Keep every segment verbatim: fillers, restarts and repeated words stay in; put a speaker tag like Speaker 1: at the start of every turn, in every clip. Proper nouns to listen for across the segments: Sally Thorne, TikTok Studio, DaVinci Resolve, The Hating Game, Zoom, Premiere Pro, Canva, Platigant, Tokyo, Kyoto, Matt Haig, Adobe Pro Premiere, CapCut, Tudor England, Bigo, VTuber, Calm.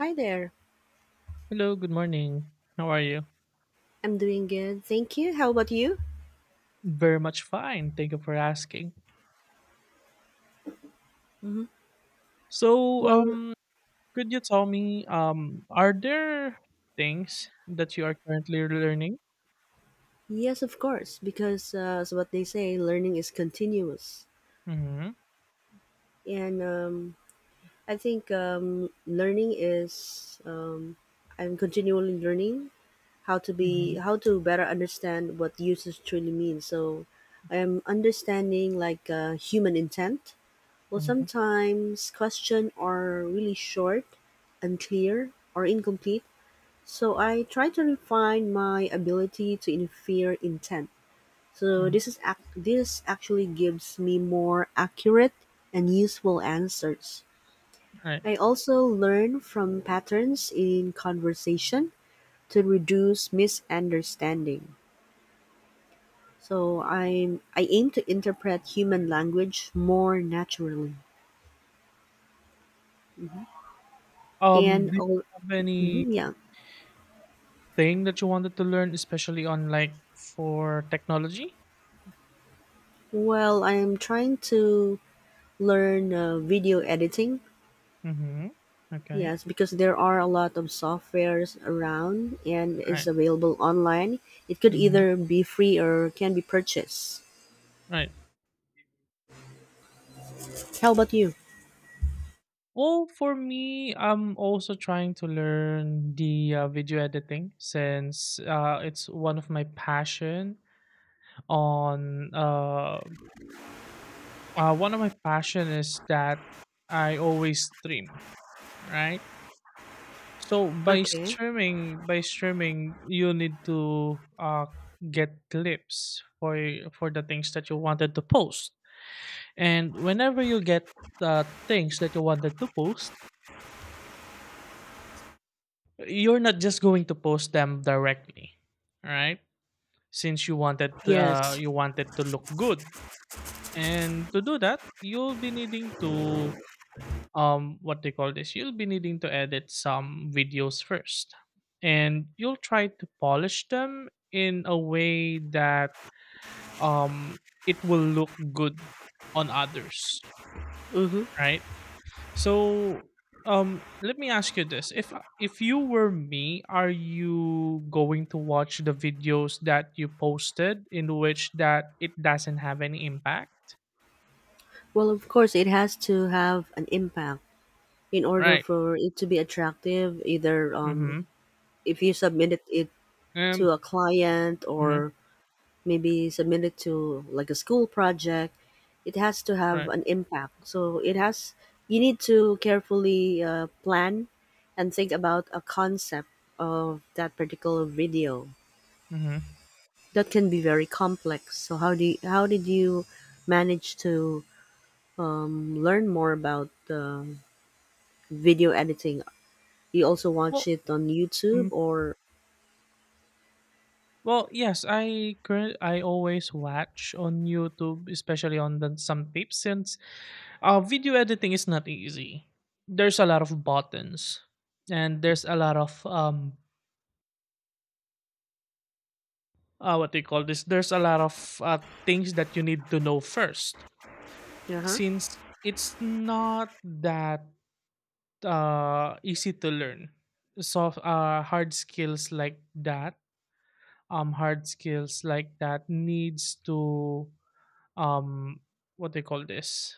Speaker 1: Hi there.
Speaker 2: Hello, good morning. How are you?
Speaker 1: I'm doing good. Thank you. How about you?
Speaker 2: Very much fine. Thank you for asking.
Speaker 1: Hmm.
Speaker 2: So,
Speaker 1: Well,
Speaker 2: um, could you tell me, um, are there things that you are currently learning?
Speaker 1: yes, of course, because uh, as what they say, learning is continuous.
Speaker 2: Mm-hmm.
Speaker 1: And um, I think um, learning is, um, I'm continually learning how to be,
Speaker 2: Mm-hmm.
Speaker 1: how to better understand what usage truly means. So I am understanding like uh, human intent. Well,
Speaker 2: Mm-hmm.
Speaker 1: sometimes question are really short, unclear, or incomplete. So I try to refine my ability to infer intent. So this
Speaker 2: Hmm.
Speaker 1: is ac- this actually gives me more accurate and useful answers.
Speaker 2: Right.
Speaker 1: I also learn from patterns in conversation to reduce misunderstanding. So I'm I aim to interpret human language more naturally
Speaker 2: Um,
Speaker 1: and
Speaker 2: do you
Speaker 1: all.
Speaker 2: have anything
Speaker 1: Mhm, yeah.
Speaker 2: that you wanted to learn, especially on like for technology?
Speaker 1: Well, I'm trying to learn uh, video editing.
Speaker 2: Mm-hmm. Okay.
Speaker 1: Yes, because there are a lot of softwares around and is
Speaker 2: Right.
Speaker 1: available online. It could
Speaker 2: Mm-hmm.
Speaker 1: either be free or can be purchased.
Speaker 2: Right.
Speaker 1: How about you?
Speaker 2: Well, for me, I'm also trying to learn the uh, video editing since uh, it's one of my passion. On uh, uh, One of my passion is that I always stream, right? So by
Speaker 1: Okay.
Speaker 2: streaming, by streaming, you need to uh, get clips for for the things that you wanted to post, and whenever you get the things that you wanted to post, you're not just going to post them directly, right, since you wanted to, uh,
Speaker 1: Yes.
Speaker 2: you wanted to look good, and to do that you'll be needing to, um what they call this you'll be needing to edit some videos first, and you'll try to polish them in a way that, um it will look good on others,
Speaker 1: Mm-hmm.
Speaker 2: right. So, um, let me ask you this: if uh, if you were me, are you going to watch the videos that you posted in which that it doesn't have any impact?
Speaker 1: Well, of course, it has to have an impact in order
Speaker 2: Right.
Speaker 1: for it to be attractive. Either, um,
Speaker 2: Mm-hmm.
Speaker 1: if you submit it
Speaker 2: Um.
Speaker 1: to a client
Speaker 2: Hmm.
Speaker 1: or maybe submit it to like a school project, it has to have
Speaker 2: Right.
Speaker 1: an impact, so it has, you need to carefully uh, plan and think about a concept of that particular video
Speaker 2: Mm-hmm.
Speaker 1: that can be very complex. So how do you, how did you manage to um, learn more about um video editing? You also watch
Speaker 2: Well.
Speaker 1: it on YouTube
Speaker 2: Mhm.
Speaker 1: or?
Speaker 2: Well, yes, I current I always watch on YouTube, especially on the some tips, since uh, video editing is not easy. There's a lot of buttons and there's a lot of um, uh, what they call this, there's a lot of uh, things that you need to know first,
Speaker 1: Uh-huh.
Speaker 2: since it's not that uh, easy to learn. So uh, hard skills like that, um, hard skills like that needs to, um, what they call this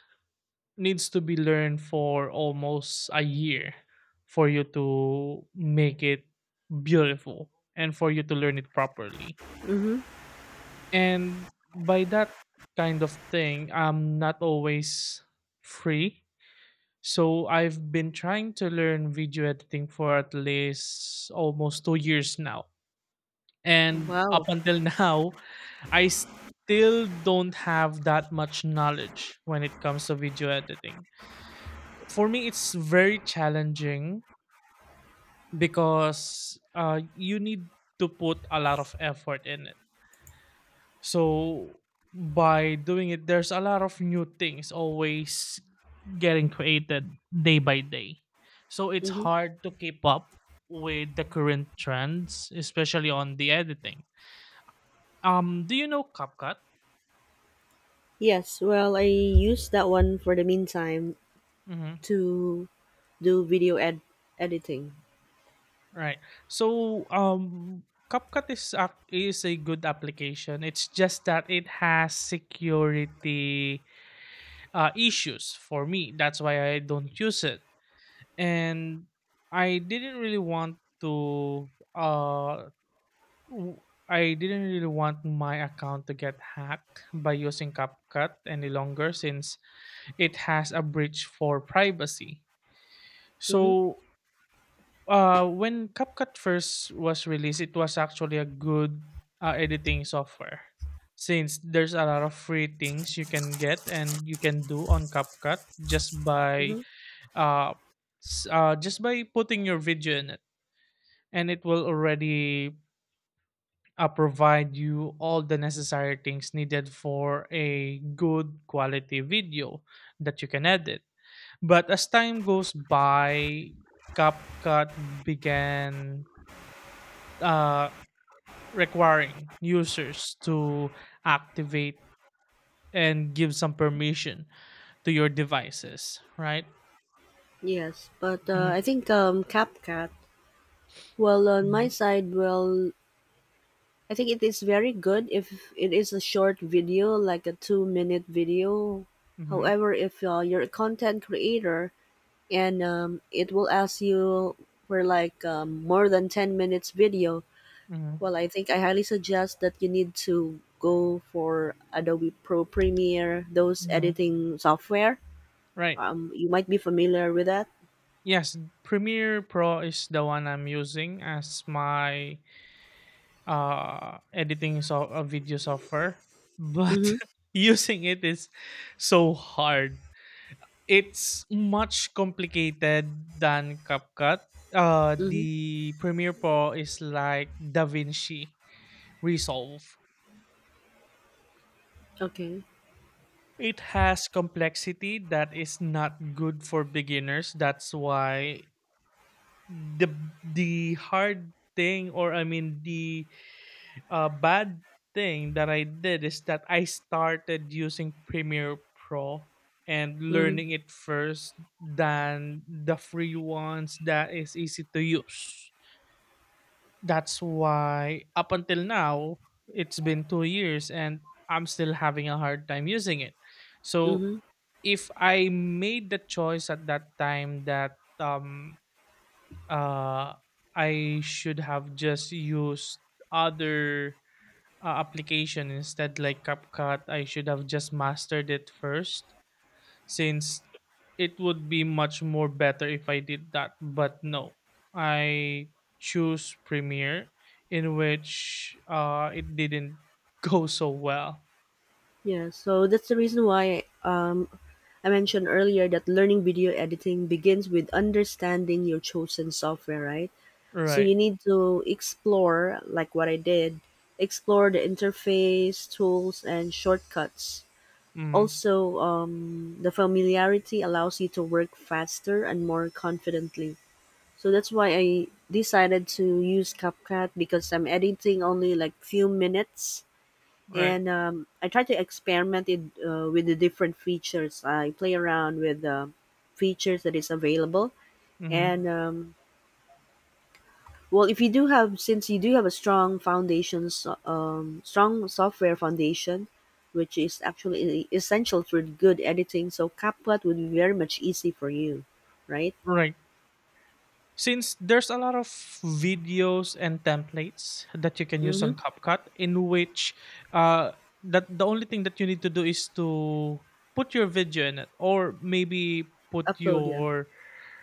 Speaker 2: needs to be learned for almost a year for you to make it beautiful and for you to learn it properly.
Speaker 1: Mm-hmm.
Speaker 2: And by that kind of thing, I'm not always free. So I've been trying to learn video editing for at least almost two years now. And
Speaker 1: Wow.
Speaker 2: up until now, I still don't have that much knowledge when it comes to video editing. For me, it's very challenging because uh, you need to put a lot of effort in it. So by doing it, there's a lot of new things always getting created day by day. So it's
Speaker 1: Mm-hmm.
Speaker 2: hard to keep up with the current trends, especially on the editing. Um, do you know CapCut?
Speaker 1: Yes, well, I used that one for the meantime
Speaker 2: Mm-hmm.
Speaker 1: to do video ed- editing.
Speaker 2: Right. So, um, CapCut is a, is a good application. It's just that it has security uh, issues for me. That's why I don't use it, and I didn't really want to uh w- I didn't really want my account to get hacked by using CapCut any longer, since it has a breach for privacy.
Speaker 1: Hmm.
Speaker 2: So uh when CapCut first was released, it was actually a good uh, editing software, since there's a lot of free things you can get and you can do on CapCut, just by
Speaker 1: Hmm.
Speaker 2: uh, s- uh just by putting your video in it, and it will already uh, provide you all the necessary things needed for a good quality video that you can edit. But as time goes by, CapCut began, uh, requiring users to activate and give some permission to your devices, right?
Speaker 1: Yes, but uh,
Speaker 2: Mhm,
Speaker 1: I think um, CapCut. Well, on my
Speaker 2: mhm,
Speaker 1: side, well, I think it is very good if it is a short video, like a two-minute video.
Speaker 2: mhm,
Speaker 1: However, if uh, you're a content creator and um, it will ask you for like um, more than ten minutes video,
Speaker 2: mhm,
Speaker 1: well, I think I highly suggest that you need to go for Adobe Pro Premiere, those
Speaker 2: mhm.
Speaker 1: editing software.
Speaker 2: Right.
Speaker 1: Um, you might be familiar with that.
Speaker 2: Yes, Premiere Pro is the one I'm using as my uh, editing so a video software, but
Speaker 1: Mhm.
Speaker 2: using it is so hard. It's much complicated than CapCut. Uh,
Speaker 1: Mhm.
Speaker 2: the Premiere Pro is like DaVinci Resolve.
Speaker 1: Okay.
Speaker 2: It has complexity that is not good for beginners. That's why the the hard thing, or I mean the a bad thing that I did is that I started using Premiere Pro and
Speaker 1: Mhm.
Speaker 2: learning it first than the free ones that is easy to use. That's why up until now it's been two years and I'm still having a hard time using it. So
Speaker 1: Mhm.
Speaker 2: if I made the choice at that time that, um uh I should have just used other uh, application instead, like CapCut. I should have just mastered it first, since it would be much more better if I did that. But no, I choose Premiere, in which uh, it didn't go so well.
Speaker 1: Yeah. So that's the reason why um I mentioned earlier that learning video editing begins with understanding your chosen software, right? So
Speaker 2: Right.
Speaker 1: you need to explore like what I did, explore the interface, tools and shortcuts.
Speaker 2: Mm.
Speaker 1: Also, um, the familiarity allows you to work faster and more confidently. So that's why I decided to use CapCut because I'm editing only like few minutes,
Speaker 2: Right.
Speaker 1: and um, I try to experiment it uh, with the different features. I play around with the features that is available,
Speaker 2: Mm.
Speaker 1: and um, well, if you do have, since you do have a strong foundations, um, strong software foundation, which is actually essential for good editing, so CapCut would be very much easy for you, right?
Speaker 2: Right. Since there's a lot of videos and templates that you can use
Speaker 1: Mm-hmm.
Speaker 2: on CapCut, in which uh, that the only thing that you need to do is to put your video in it, or maybe put
Speaker 1: Upload, yeah.
Speaker 2: your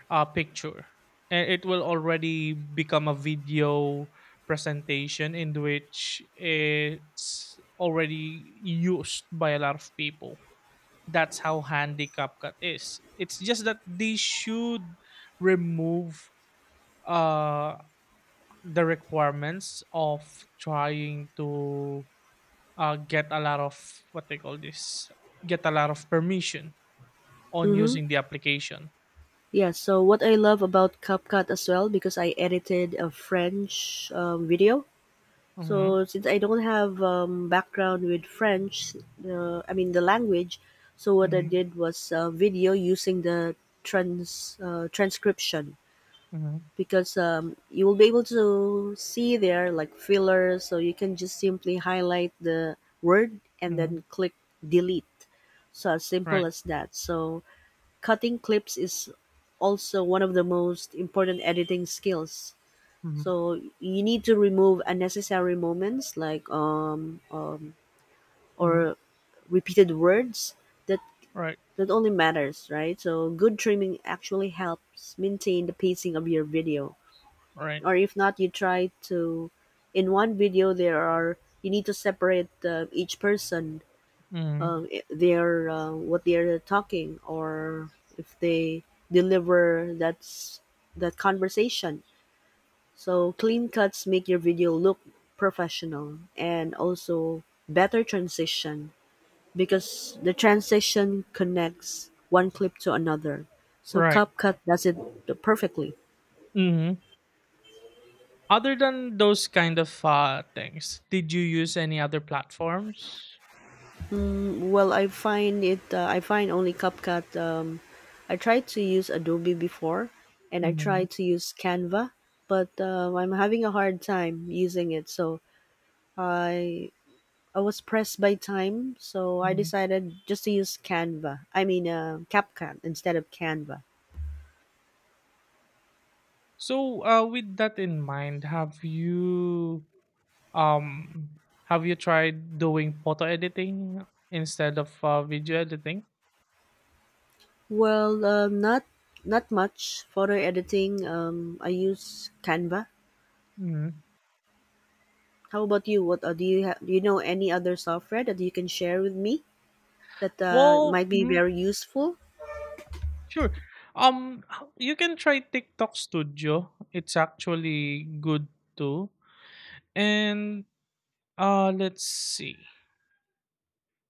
Speaker 2: uh, picture, and it will already become a video presentation in which it's already used by a lot of people. That's how handy CapCut is. It's just that they should remove uh the requirements of trying to uh, get a lot of, what they call this get a lot of permission on
Speaker 1: Mm-hmm.
Speaker 2: using the application.
Speaker 1: Yeah, so what I love about CapCut as well, because I edited a French um, video.
Speaker 2: Mm-hmm,
Speaker 1: So since I don't have um, background with French, uh, I mean the language, so what I
Speaker 2: mm-hmm,
Speaker 1: did was uh, video using the trans uh, transcription,
Speaker 2: mm-hmm,
Speaker 1: because um, you will be able to see there like fillers, so you can just simply highlight the word and
Speaker 2: mm-hmm.
Speaker 1: then click delete. So as simple
Speaker 2: Right.
Speaker 1: as that. So cutting clips is also one of the most important editing skills.
Speaker 2: Mm-hmm,
Speaker 1: So you need to remove unnecessary moments like um, um
Speaker 2: mm-hmm.
Speaker 1: or repeated words, that
Speaker 2: Right.
Speaker 1: that only matters, right? So good trimming actually helps maintain the pacing of your video.
Speaker 2: Right.
Speaker 1: Or if not, you try to, in one video there are, you need to separate uh, each person,
Speaker 2: Mm-hmm.
Speaker 1: they're uh, what they're talking, or if they deliver that's that conversation, so clean cuts make your video look professional, and also better transition, because the transition connects one clip to another, so
Speaker 2: Right.
Speaker 1: CapCut does it perfectly.
Speaker 2: Mm-hmm. Other than those kind of uh, things, did you use any other platforms?
Speaker 1: Well, I find it. Uh, I find only CapCut. Um, I tried to use Adobe before, and I
Speaker 2: Mm-hmm,
Speaker 1: tried to use Canva, but um I'm having a hard time using it. So I I was pressed by time, so I
Speaker 2: mm-hmm.
Speaker 1: decided just to use Canva. I mean, uh, CapCut instead of Canva.
Speaker 2: So, uh, with that in mind, have you, Um, have you tried doing photo editing instead of uh, video editing?
Speaker 1: Well, um, not not much photo editing. Um, I use Canva.
Speaker 2: Mhm.
Speaker 1: How about you? What uh, do you ha- do? You know any other software that you can share with me, that uh,
Speaker 2: Well,
Speaker 1: might be
Speaker 2: mhm,
Speaker 1: very useful?
Speaker 2: sure. Um, h- you can try TikTok Studio. It's actually good too. And uh, let's see.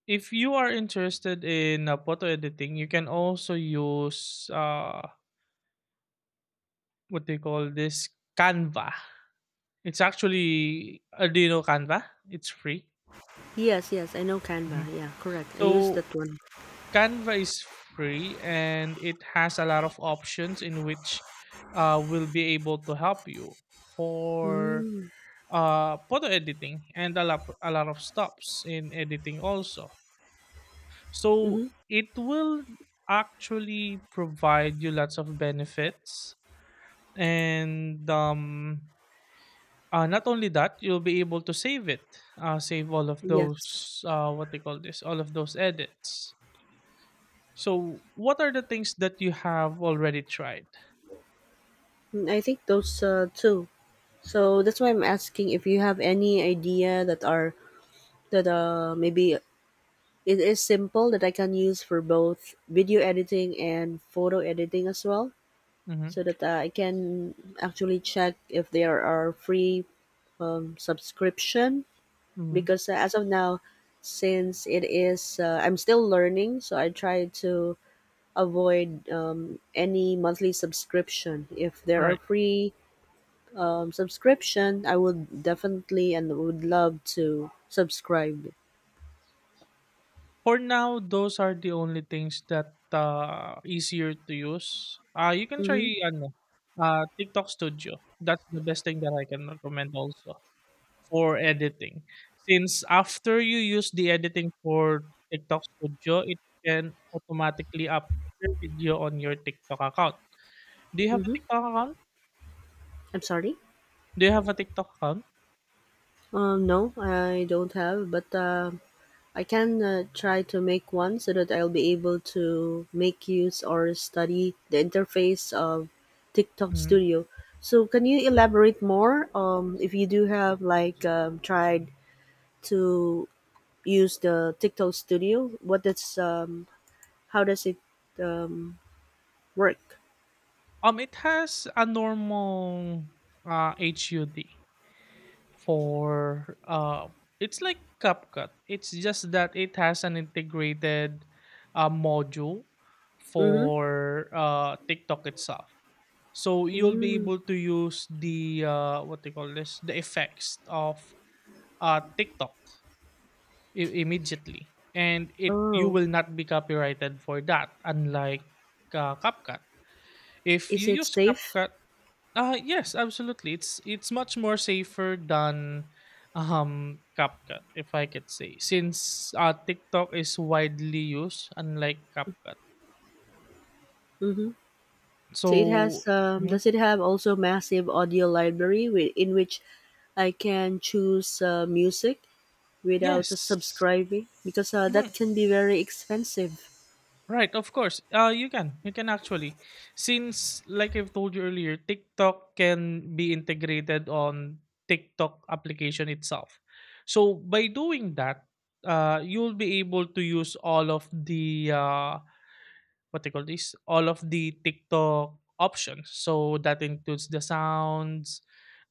Speaker 2: If you are interested in uh, photo editing, you can also use, uh, what they call this Canva. It's actually Arduino Canva. It's free.
Speaker 1: Yes, yes, I know
Speaker 2: Mhm.
Speaker 1: Canva. Yeah, correct. I use
Speaker 2: So
Speaker 1: that one.
Speaker 2: Canva is free and it has a lot of options in which uh, will be able to help you for
Speaker 1: Mm.
Speaker 2: uh, photo editing, and a lot, a lot of stops in editing also. So
Speaker 1: Mm-hmm.
Speaker 2: it will actually provide you lots of benefits, and um, uh, not only that, you'll be able to save it, uh, save all of
Speaker 1: Yes.
Speaker 2: those, uh, what they call this all of those edits. So, what are the things that you have already tried?
Speaker 1: Mm, I think those uh, two. So that's why I'm asking if you have any idea that are, that uh maybe it is simple, that I can use for both video editing and photo editing as well,
Speaker 2: Mm-hmm.
Speaker 1: so that uh, I can actually check if there are free um, subscription,
Speaker 2: Mm-hmm.
Speaker 1: because uh, as of now, since it is uh, I'm still learning, so I try to avoid um, any monthly subscription. If there are
Speaker 2: Right.
Speaker 1: free um, subscription, I would definitely and would love to subscribe.
Speaker 2: For now, those are the only things that uh easier to use. Uh, you can try
Speaker 1: Mm-hmm,
Speaker 2: ano, uh TikTok Studio. That's the best thing that I can recommend also, for editing. Since after you use the editing for TikTok Studio, it can automatically upload your video on your TikTok account. Do you have a
Speaker 1: mm-hmm.
Speaker 2: TikTok account?
Speaker 1: I'm sorry.
Speaker 2: Do you have a TikTok account?
Speaker 1: um, no, I don't have, but uh, I can uh, try to make one so that I'll be able to make use or study the interface of TikTok
Speaker 2: Mm.
Speaker 1: Studio. So, can you elaborate more? Um, if you do have, like um, tried to use the TikTok Studio, what does um, how does it um, work?
Speaker 2: Um, it has a normal uh H U D for, uh, it's like CapCut. It's just that it has an integrated uh module
Speaker 1: Mm-hmm.
Speaker 2: for uh TikTok itself. So you'll be
Speaker 1: Mm.
Speaker 2: able to use the, uh, what they call this, the effects of uh, TikTok I- immediately, and it you
Speaker 1: Oh,
Speaker 2: will not be copyrighted for that, unlike uh, CapCut. If
Speaker 1: is
Speaker 2: you
Speaker 1: it
Speaker 2: use
Speaker 1: safe?
Speaker 2: CapCut, uh, yes, absolutely, it's it's much more safer than um CapCut, if I could say, since uh, TikTok is widely used, unlike CapCut.
Speaker 1: Mm-hmm. So it has
Speaker 2: So
Speaker 1: um,
Speaker 2: mhm,
Speaker 1: does it have also massive audio library with, in which I can choose uh, music without
Speaker 2: yes.
Speaker 1: subscribing, because uh,
Speaker 2: Mm-hmm.
Speaker 1: that can be very expensive.
Speaker 2: Right, of course. Uh, you can. You can actually. Since, like I've told you earlier, TikTok can be integrated on TikTok application itself. So by doing that, uh, you'll be able to use all of the, uh, what they call this all of the TikTok options. So that includes the sounds,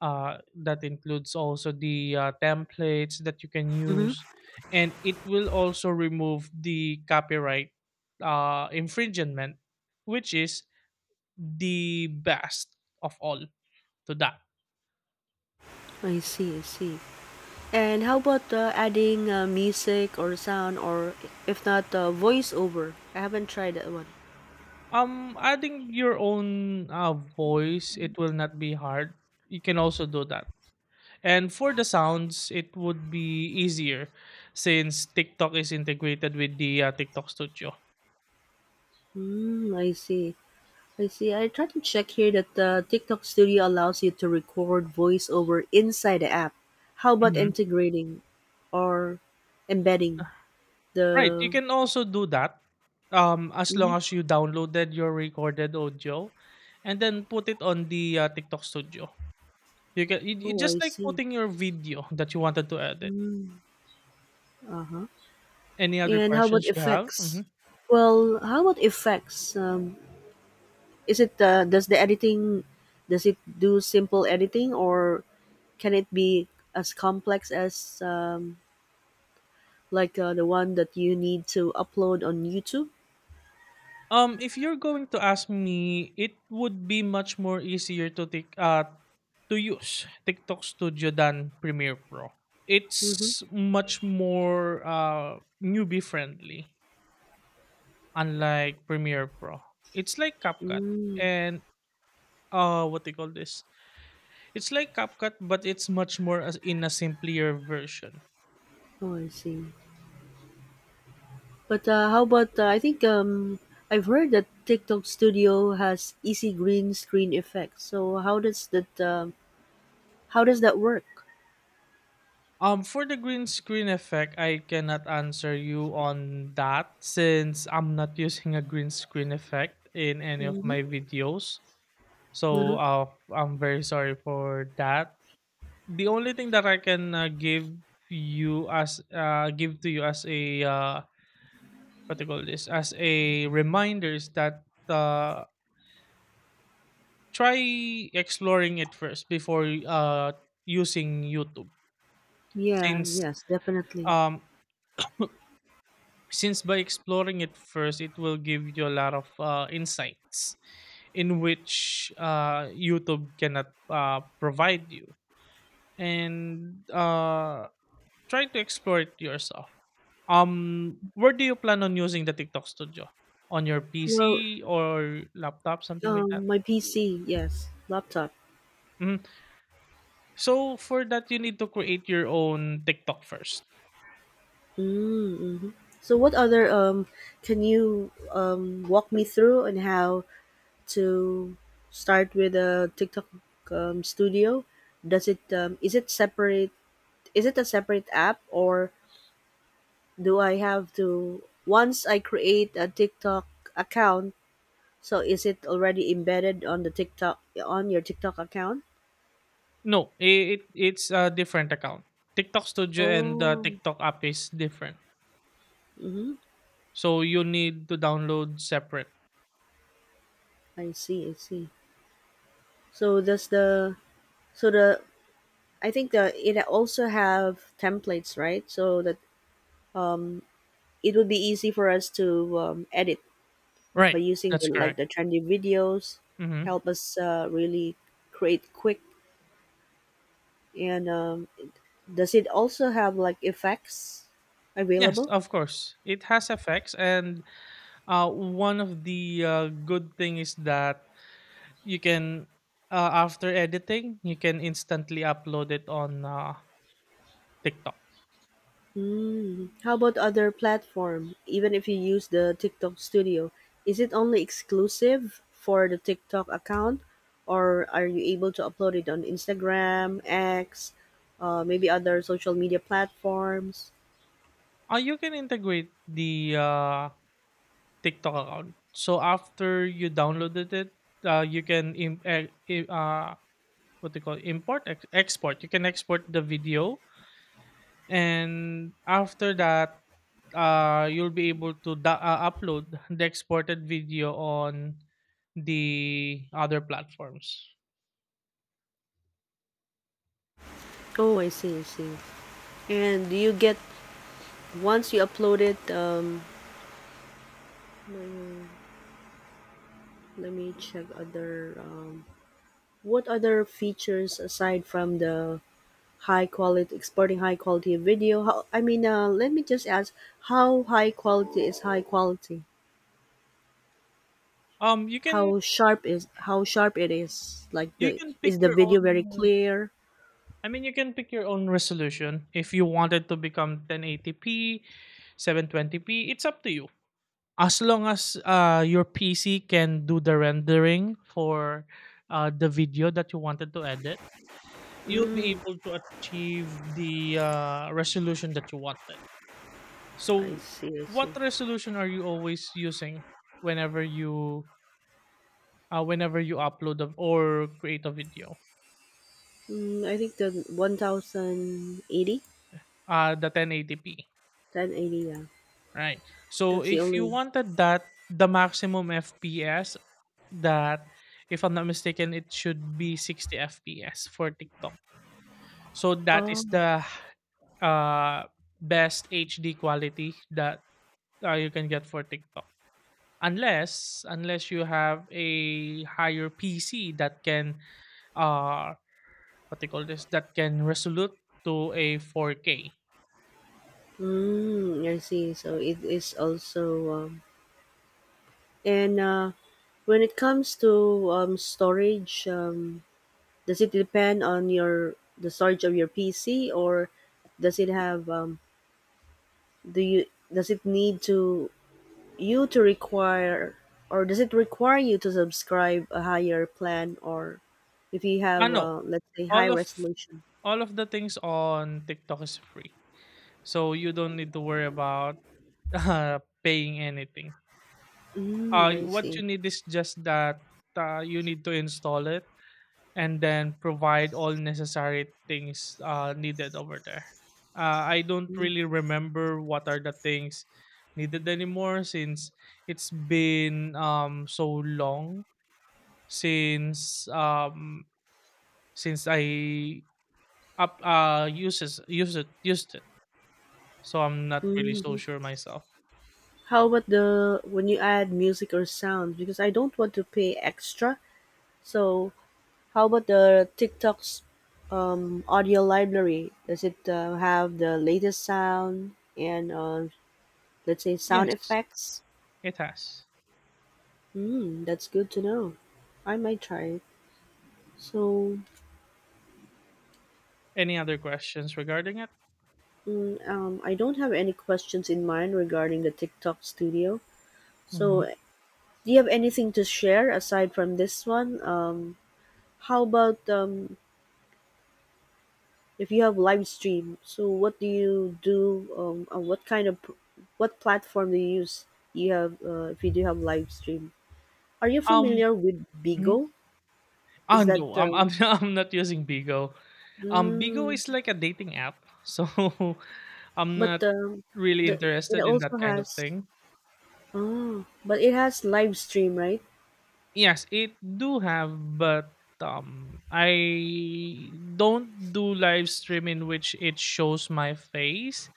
Speaker 2: uh, that includes also the uh, templates that you can
Speaker 1: Mm-hmm.
Speaker 2: use, and it will also remove the copyright uh, infringement, which is the best of all to that.
Speaker 1: I see, I see. And how about uh, adding uh, music or sound, or if not uh, voiceover? I haven't tried that one.
Speaker 2: Um, adding your own uh, voice, it will not be hard. You can also do that. And for the sounds, it would be easier since TikTok is integrated with the uh, TikTok Studio.
Speaker 1: Mm, I see. I see. I tried to check here that the TikTok Studio allows you to record voiceover inside the app. How about
Speaker 2: Mhm.
Speaker 1: integrating or embedding
Speaker 2: Right. You
Speaker 1: the?
Speaker 2: can also do that, um, as
Speaker 1: Mhm.
Speaker 2: long as you downloaded your recorded audio and then put it on the uh, TikTok Studio. You can you, you
Speaker 1: Oh,
Speaker 2: just
Speaker 1: I
Speaker 2: like
Speaker 1: see.
Speaker 2: putting your video that you wanted to edit.
Speaker 1: Mm.
Speaker 2: Any other
Speaker 1: And how about
Speaker 2: questions you have?
Speaker 1: effects?
Speaker 2: Mhm.
Speaker 1: Well, how about effects? Um, is it uh, does the editing, does it do simple editing, or can it be as complex as um, like uh, the one that you need to upload on YouTube?
Speaker 2: Um, if you're going to ask me, it would be much more easier to take uh to use TikTok Studio than Premiere Pro.
Speaker 1: Mm-hmm.
Speaker 2: It's much more uh newbie friendly, unlike Premiere Pro. It's like CapCut
Speaker 1: Mm.
Speaker 2: and, uh what they call this. It's like CapCut, but it's much more as in a simpler version.
Speaker 1: Oh, I see. But uh, how about uh, I think um, I've heard that TikTok Studio has easy green screen effect. So how does that um how does that work?
Speaker 2: Um, for the green screen effect, I cannot answer you on that, since I'm not using a green screen effect in any of
Speaker 1: Hmm.
Speaker 2: my videos. So,
Speaker 1: Uh-huh.
Speaker 2: uh, I'm very sorry for that. The only thing that I can uh, give you as uh, give to you as a, uh, what do you call this as a reminder, is that uh, try exploring it first before uh, using YouTube,
Speaker 1: Yeah.
Speaker 2: since
Speaker 1: Yes. Definitely.
Speaker 2: um since by exploring it first it will give you a lot of uh, insights in which uh, YouTube cannot uh, provide you, and uh, try to explore it yourself. Um, where do you plan on using the TikTok Studio, on your
Speaker 1: Well,
Speaker 2: PC or laptop, something like that?
Speaker 1: um, my P C. Yes, laptop.
Speaker 2: Mhm. So for that, you need to create your own TikTok first.
Speaker 1: Mm-hmm. So what other um, can you um walk me through on how to start with a TikTok um, Studio? Does it um, is it separate? Is it a separate app, or do I have to, once I create a TikTok account, so is it already embedded on the TikTok, on your TikTok account?
Speaker 2: No, i- it it's a different account. TikTok Studio and the
Speaker 1: Oh,
Speaker 2: TikTok app is different.
Speaker 1: mm-hmm.
Speaker 2: So you need to download separate.
Speaker 1: I see, I see. So does the, so the, I think the it also have templates, right? So that it would be easy for us to um, edit by
Speaker 2: Right.
Speaker 1: using the,
Speaker 2: That's
Speaker 1: like
Speaker 2: correct.
Speaker 1: the trendy videos,
Speaker 2: Hmm.
Speaker 1: help us uh, really create quick. And um, does it also have like effects
Speaker 2: Yes,
Speaker 1: available?
Speaker 2: of course. It has effects and Uh, one of the uh, good thing is that you can uh, after editing, you can instantly upload it on uh, TikTok.
Speaker 1: Hmm. How about other platform? Even if you use the TikTok Studio, is it only exclusive for the TikTok account, or are you able to upload it on Instagram, X, uh, maybe other social media platforms?
Speaker 2: Uh, you can integrate the uh, TikTok account. So after you downloaded it, uh, you can im- e- I- uh, what do you call it? Import ex- export. You can export the video, and after that, uh you'll be able to da- uh, upload the exported video on the other platforms.
Speaker 1: Oh, I see, I see. And do you get once you upload it? Um, let me check other. Um, what other features aside from the high quality exporting high quality video, how I mean uh, let me just ask, how high quality is high quality,
Speaker 2: Um you can
Speaker 1: how sharp is how sharp it is, like
Speaker 2: you
Speaker 1: the,
Speaker 2: can pick
Speaker 1: is the
Speaker 2: your
Speaker 1: video very
Speaker 2: own
Speaker 1: clear?
Speaker 2: I mean you can pick your own resolution. If you wanted to become ten eighty p, seven twenty p, it's up to you. As long as uh your PC can do the rendering for uh the video that you wanted to edit, you'll be
Speaker 1: Mm,
Speaker 2: able to achieve the uh, resolution that you wanted.
Speaker 1: I
Speaker 2: So,
Speaker 1: see, I
Speaker 2: what
Speaker 1: see.
Speaker 2: resolution are you always using whenever you uh, whenever you upload a, or create a video?
Speaker 1: Mm, I think the one thousand eighty,
Speaker 2: Uh, the ten eighty p,
Speaker 1: ten eighty. Yeah,
Speaker 2: right? So,
Speaker 1: that's the
Speaker 2: if you
Speaker 1: only.
Speaker 2: wanted that, the maximum F P S, that, if I'm not mistaken, it should be sixty F P S for TikTok. So that is
Speaker 1: Oh.
Speaker 2: the uh, best H D quality that uh, you can get for TikTok. unless unless you have a higher P C that can uh what they call this, that can resolute to a four K.
Speaker 1: Mm, I see, so it is also um, and uh, when it comes to um, storage, um, does it depend on your the storage of your P C, or does it have um, do you, does it need to, you to require, or does it require you to subscribe a higher plan, or if you have
Speaker 2: Ano,
Speaker 1: uh, let's say, high
Speaker 2: all of
Speaker 1: resolution?
Speaker 2: all of the things on TikTok is free. So you don't need to worry about uh, paying anything.
Speaker 1: Mm,
Speaker 2: Uh
Speaker 1: I
Speaker 2: what
Speaker 1: see.
Speaker 2: you need is just that uh, you need to install it and then provide all necessary things uh, needed over there. Uh, I don't really remember what are the things needed anymore, since it's been um, so long since um, since I up uh, uses used it used it. So I'm not really so
Speaker 1: Hmm.
Speaker 2: sure myself.
Speaker 1: How about the, when you add music or sound? Because I don't want to pay extra, so how about the TikTok's um, audio library? Does it uh, have the latest sound and uh, let's say sound
Speaker 2: Yes,
Speaker 1: effects?
Speaker 2: it has.
Speaker 1: Hmm, that's good to know. I might try it. So,
Speaker 2: Any other questions regarding it?
Speaker 1: mm, um, I don't have any questions in mind regarding the TikTok studio. So,
Speaker 2: Mhm.
Speaker 1: do you have anything to share aside from this one? Um, how about um, if you have live stream, so what do you do? Um, uh, what kind of, what platform do you use? You have uh, if you do have live stream. Are you
Speaker 2: Um,
Speaker 1: familiar with
Speaker 2: mhm.
Speaker 1: Bigo?
Speaker 2: Ah,
Speaker 1: Is that
Speaker 2: no, I'm
Speaker 1: um,
Speaker 2: I'm I'm not using Bigo. Um, Bigo is
Speaker 1: mm,
Speaker 2: like a dating app, so I'm
Speaker 1: but
Speaker 2: not
Speaker 1: um,
Speaker 2: really
Speaker 1: the it
Speaker 2: interested in
Speaker 1: also
Speaker 2: that kind of
Speaker 1: has,
Speaker 2: thing.
Speaker 1: oh, but it has live stream, right?
Speaker 2: Yes, it do have, but um, I don't do live stream in which it shows my face.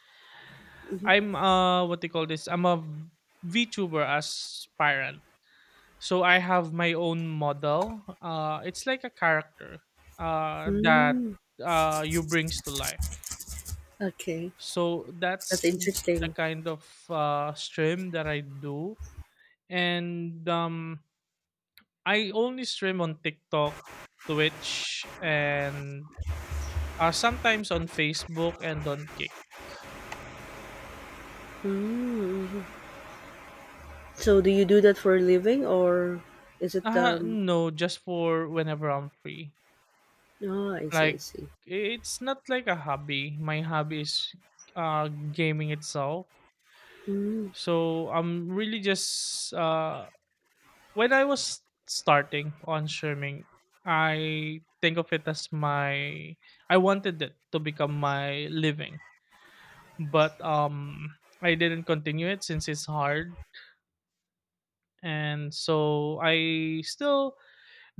Speaker 2: I'm uh, what they call this? I'm a VTuber aspirant, so I have my own model. Uh, it's like a character uh that
Speaker 1: Mm,
Speaker 2: uh you brings to life.
Speaker 1: okay,
Speaker 2: So
Speaker 1: that's
Speaker 2: that's the
Speaker 1: interesting.
Speaker 2: kind of uh, stream that I do, and um, I only stream on TikTok, Twitch, and uh, sometimes on Facebook and on Kick.
Speaker 1: Mm. So do you do that for a living, or is it
Speaker 2: Uh,
Speaker 1: um?
Speaker 2: no, just for whenever I'm free.
Speaker 1: Oh, I see, I
Speaker 2: Like,
Speaker 1: see.
Speaker 2: it's not like a hobby. My hobby is uh, gaming itself.
Speaker 1: Mm.
Speaker 2: So I'm really just uh, when I was starting on swimming, I think of it as my— I wanted it to become my living, but um I didn't continue it since it's hard, and so I still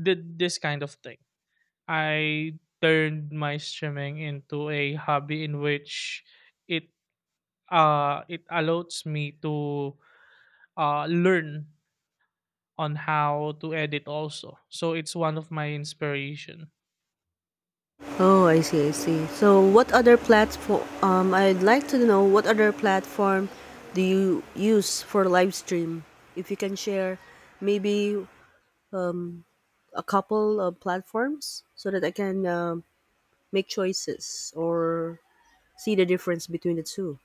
Speaker 2: did this kind of thing. I turned my swimming into a hobby in which it uh it allows me to uh learn on how to edit also. So it's one of my inspiration.
Speaker 1: Oh, I see, I see. So, what other platform? Um, I'd like to know what other platform do you use for live stream? If you can share, maybe um, a couple of platforms so that I can um make choices or see the difference between the two.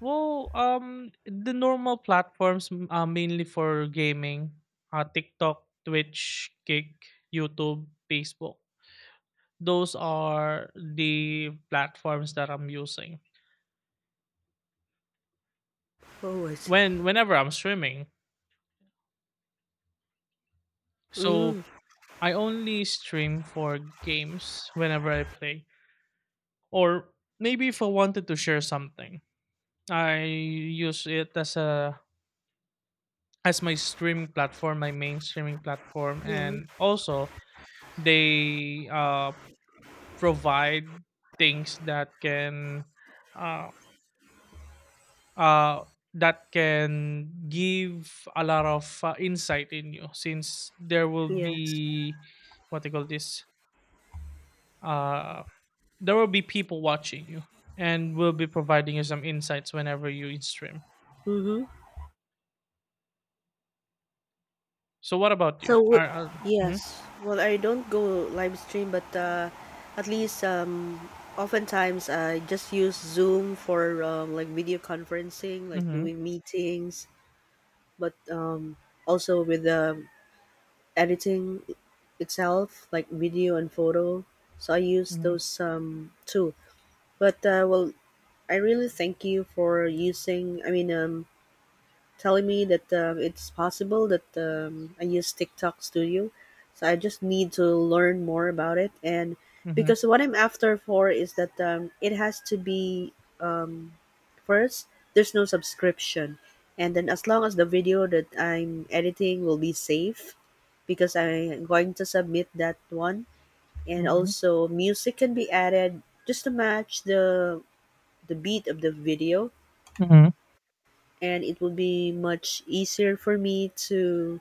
Speaker 2: Well, um, the normal platforms m- uh, mainly for gaming, uh, TikTok, Twitch, Kick, YouTube, Facebook. Those are the platforms that I'm using
Speaker 1: Oh, I see.
Speaker 2: when whenever I'm streaming. So
Speaker 1: Mm.
Speaker 2: I only stream for games whenever I play, or maybe if I wanted to share something, I use it as a— as my streaming platform, my main streaming platform,
Speaker 1: Hmm.
Speaker 2: and also they uh. provide things that can uh, uh, that can give a lot of uh, insight in you, since there will
Speaker 1: Yes.
Speaker 2: be— what they call this— uh, there will be people watching you and will be providing you some insights whenever you stream.
Speaker 1: Mm-hmm.
Speaker 2: So what about
Speaker 1: So
Speaker 2: you,
Speaker 1: w-
Speaker 2: are uh, mm-hmm,
Speaker 1: yes, well, I don't go live stream, but uh, at least um, oftentimes I just use Zoom for um, like video conferencing, like
Speaker 2: mm-hmm,
Speaker 1: doing meetings, but um, also with the editing itself, like video and photo. So I use those um, too. But uh, well, I really thank you for using. I mean, um, telling me that um, it's possible that um, I use TikTok Studio. So I just need to learn more about it. And
Speaker 2: mm-hmm, mm-hmm,
Speaker 1: because what I'm after for is that um, it has to be um, first, there's no subscription. And then as long as the video that I'm editing will be safe, because I'm going to submit that one. And
Speaker 2: mm-hmm,
Speaker 1: also, music can be added just to match the the beat of the video,
Speaker 2: mm-hmm.
Speaker 1: and it will be much easier for me to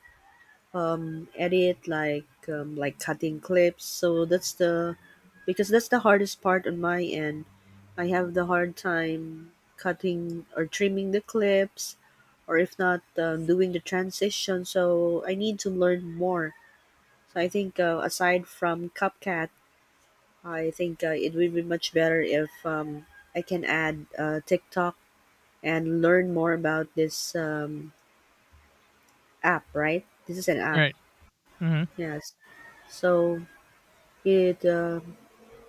Speaker 1: um, edit, like um, like cutting clips. So that's the, because that's the hardest part on my end, I have the hard time cutting or trimming the clips, or if not, um, doing the transition. So I need to learn more. So I think uh, aside from CapCut, I think uh, it would be much better if um, I can add uh, TikTok and learn more about this um, app, right? This is an app.
Speaker 2: Right. Mm-hmm,
Speaker 1: Yes. So it uh,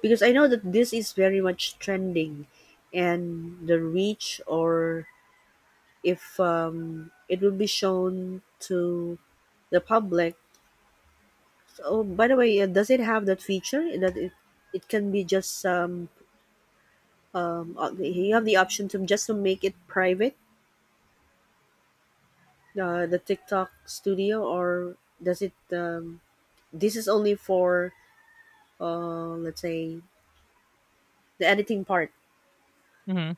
Speaker 1: because I know that this is very much trending, and the reach, or if um, it will be shown to the public. Oh, by the way, uh, does it have that feature that it it can be just um, um uh, you have the option to just to make it private, uh, the TikTok Studio, or does it? Um, this is only for uh, let's say, the editing part.
Speaker 2: mm-hmm.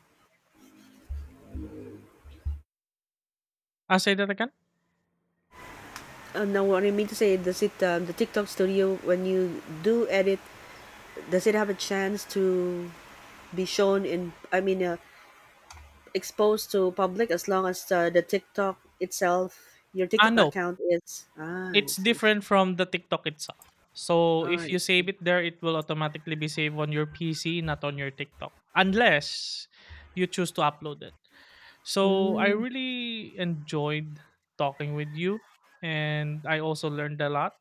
Speaker 2: I'll say that again.
Speaker 1: Uh, no, what I mean to say, does it um, the TikTok Studio, when you do edit, does it have a chance to be shown in? I mean, uh, exposed to public, as long as uh, the TikTok itself, your
Speaker 2: Ah,
Speaker 1: TikTok
Speaker 2: no,
Speaker 1: account is. Ah, I
Speaker 2: it's
Speaker 1: see. I see.
Speaker 2: different from the TikTok itself. So
Speaker 1: Ah,
Speaker 2: if
Speaker 1: I
Speaker 2: you
Speaker 1: see.
Speaker 2: save it there, it will automatically be saved on your P C, not on your TikTok, unless you choose to upload it. So I
Speaker 1: Hmm.
Speaker 2: really enjoyed talking with you, and I also learned a lot.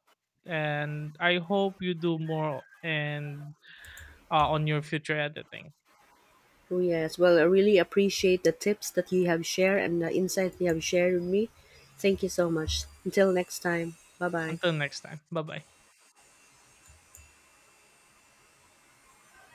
Speaker 2: And I hope you do more and uh, on your future editing.
Speaker 1: Oh yes. Well, I really appreciate the tips that you have shared and the insight you have shared with me. Thank you so much. Until next time. Bye bye.
Speaker 2: Until next time, bye bye.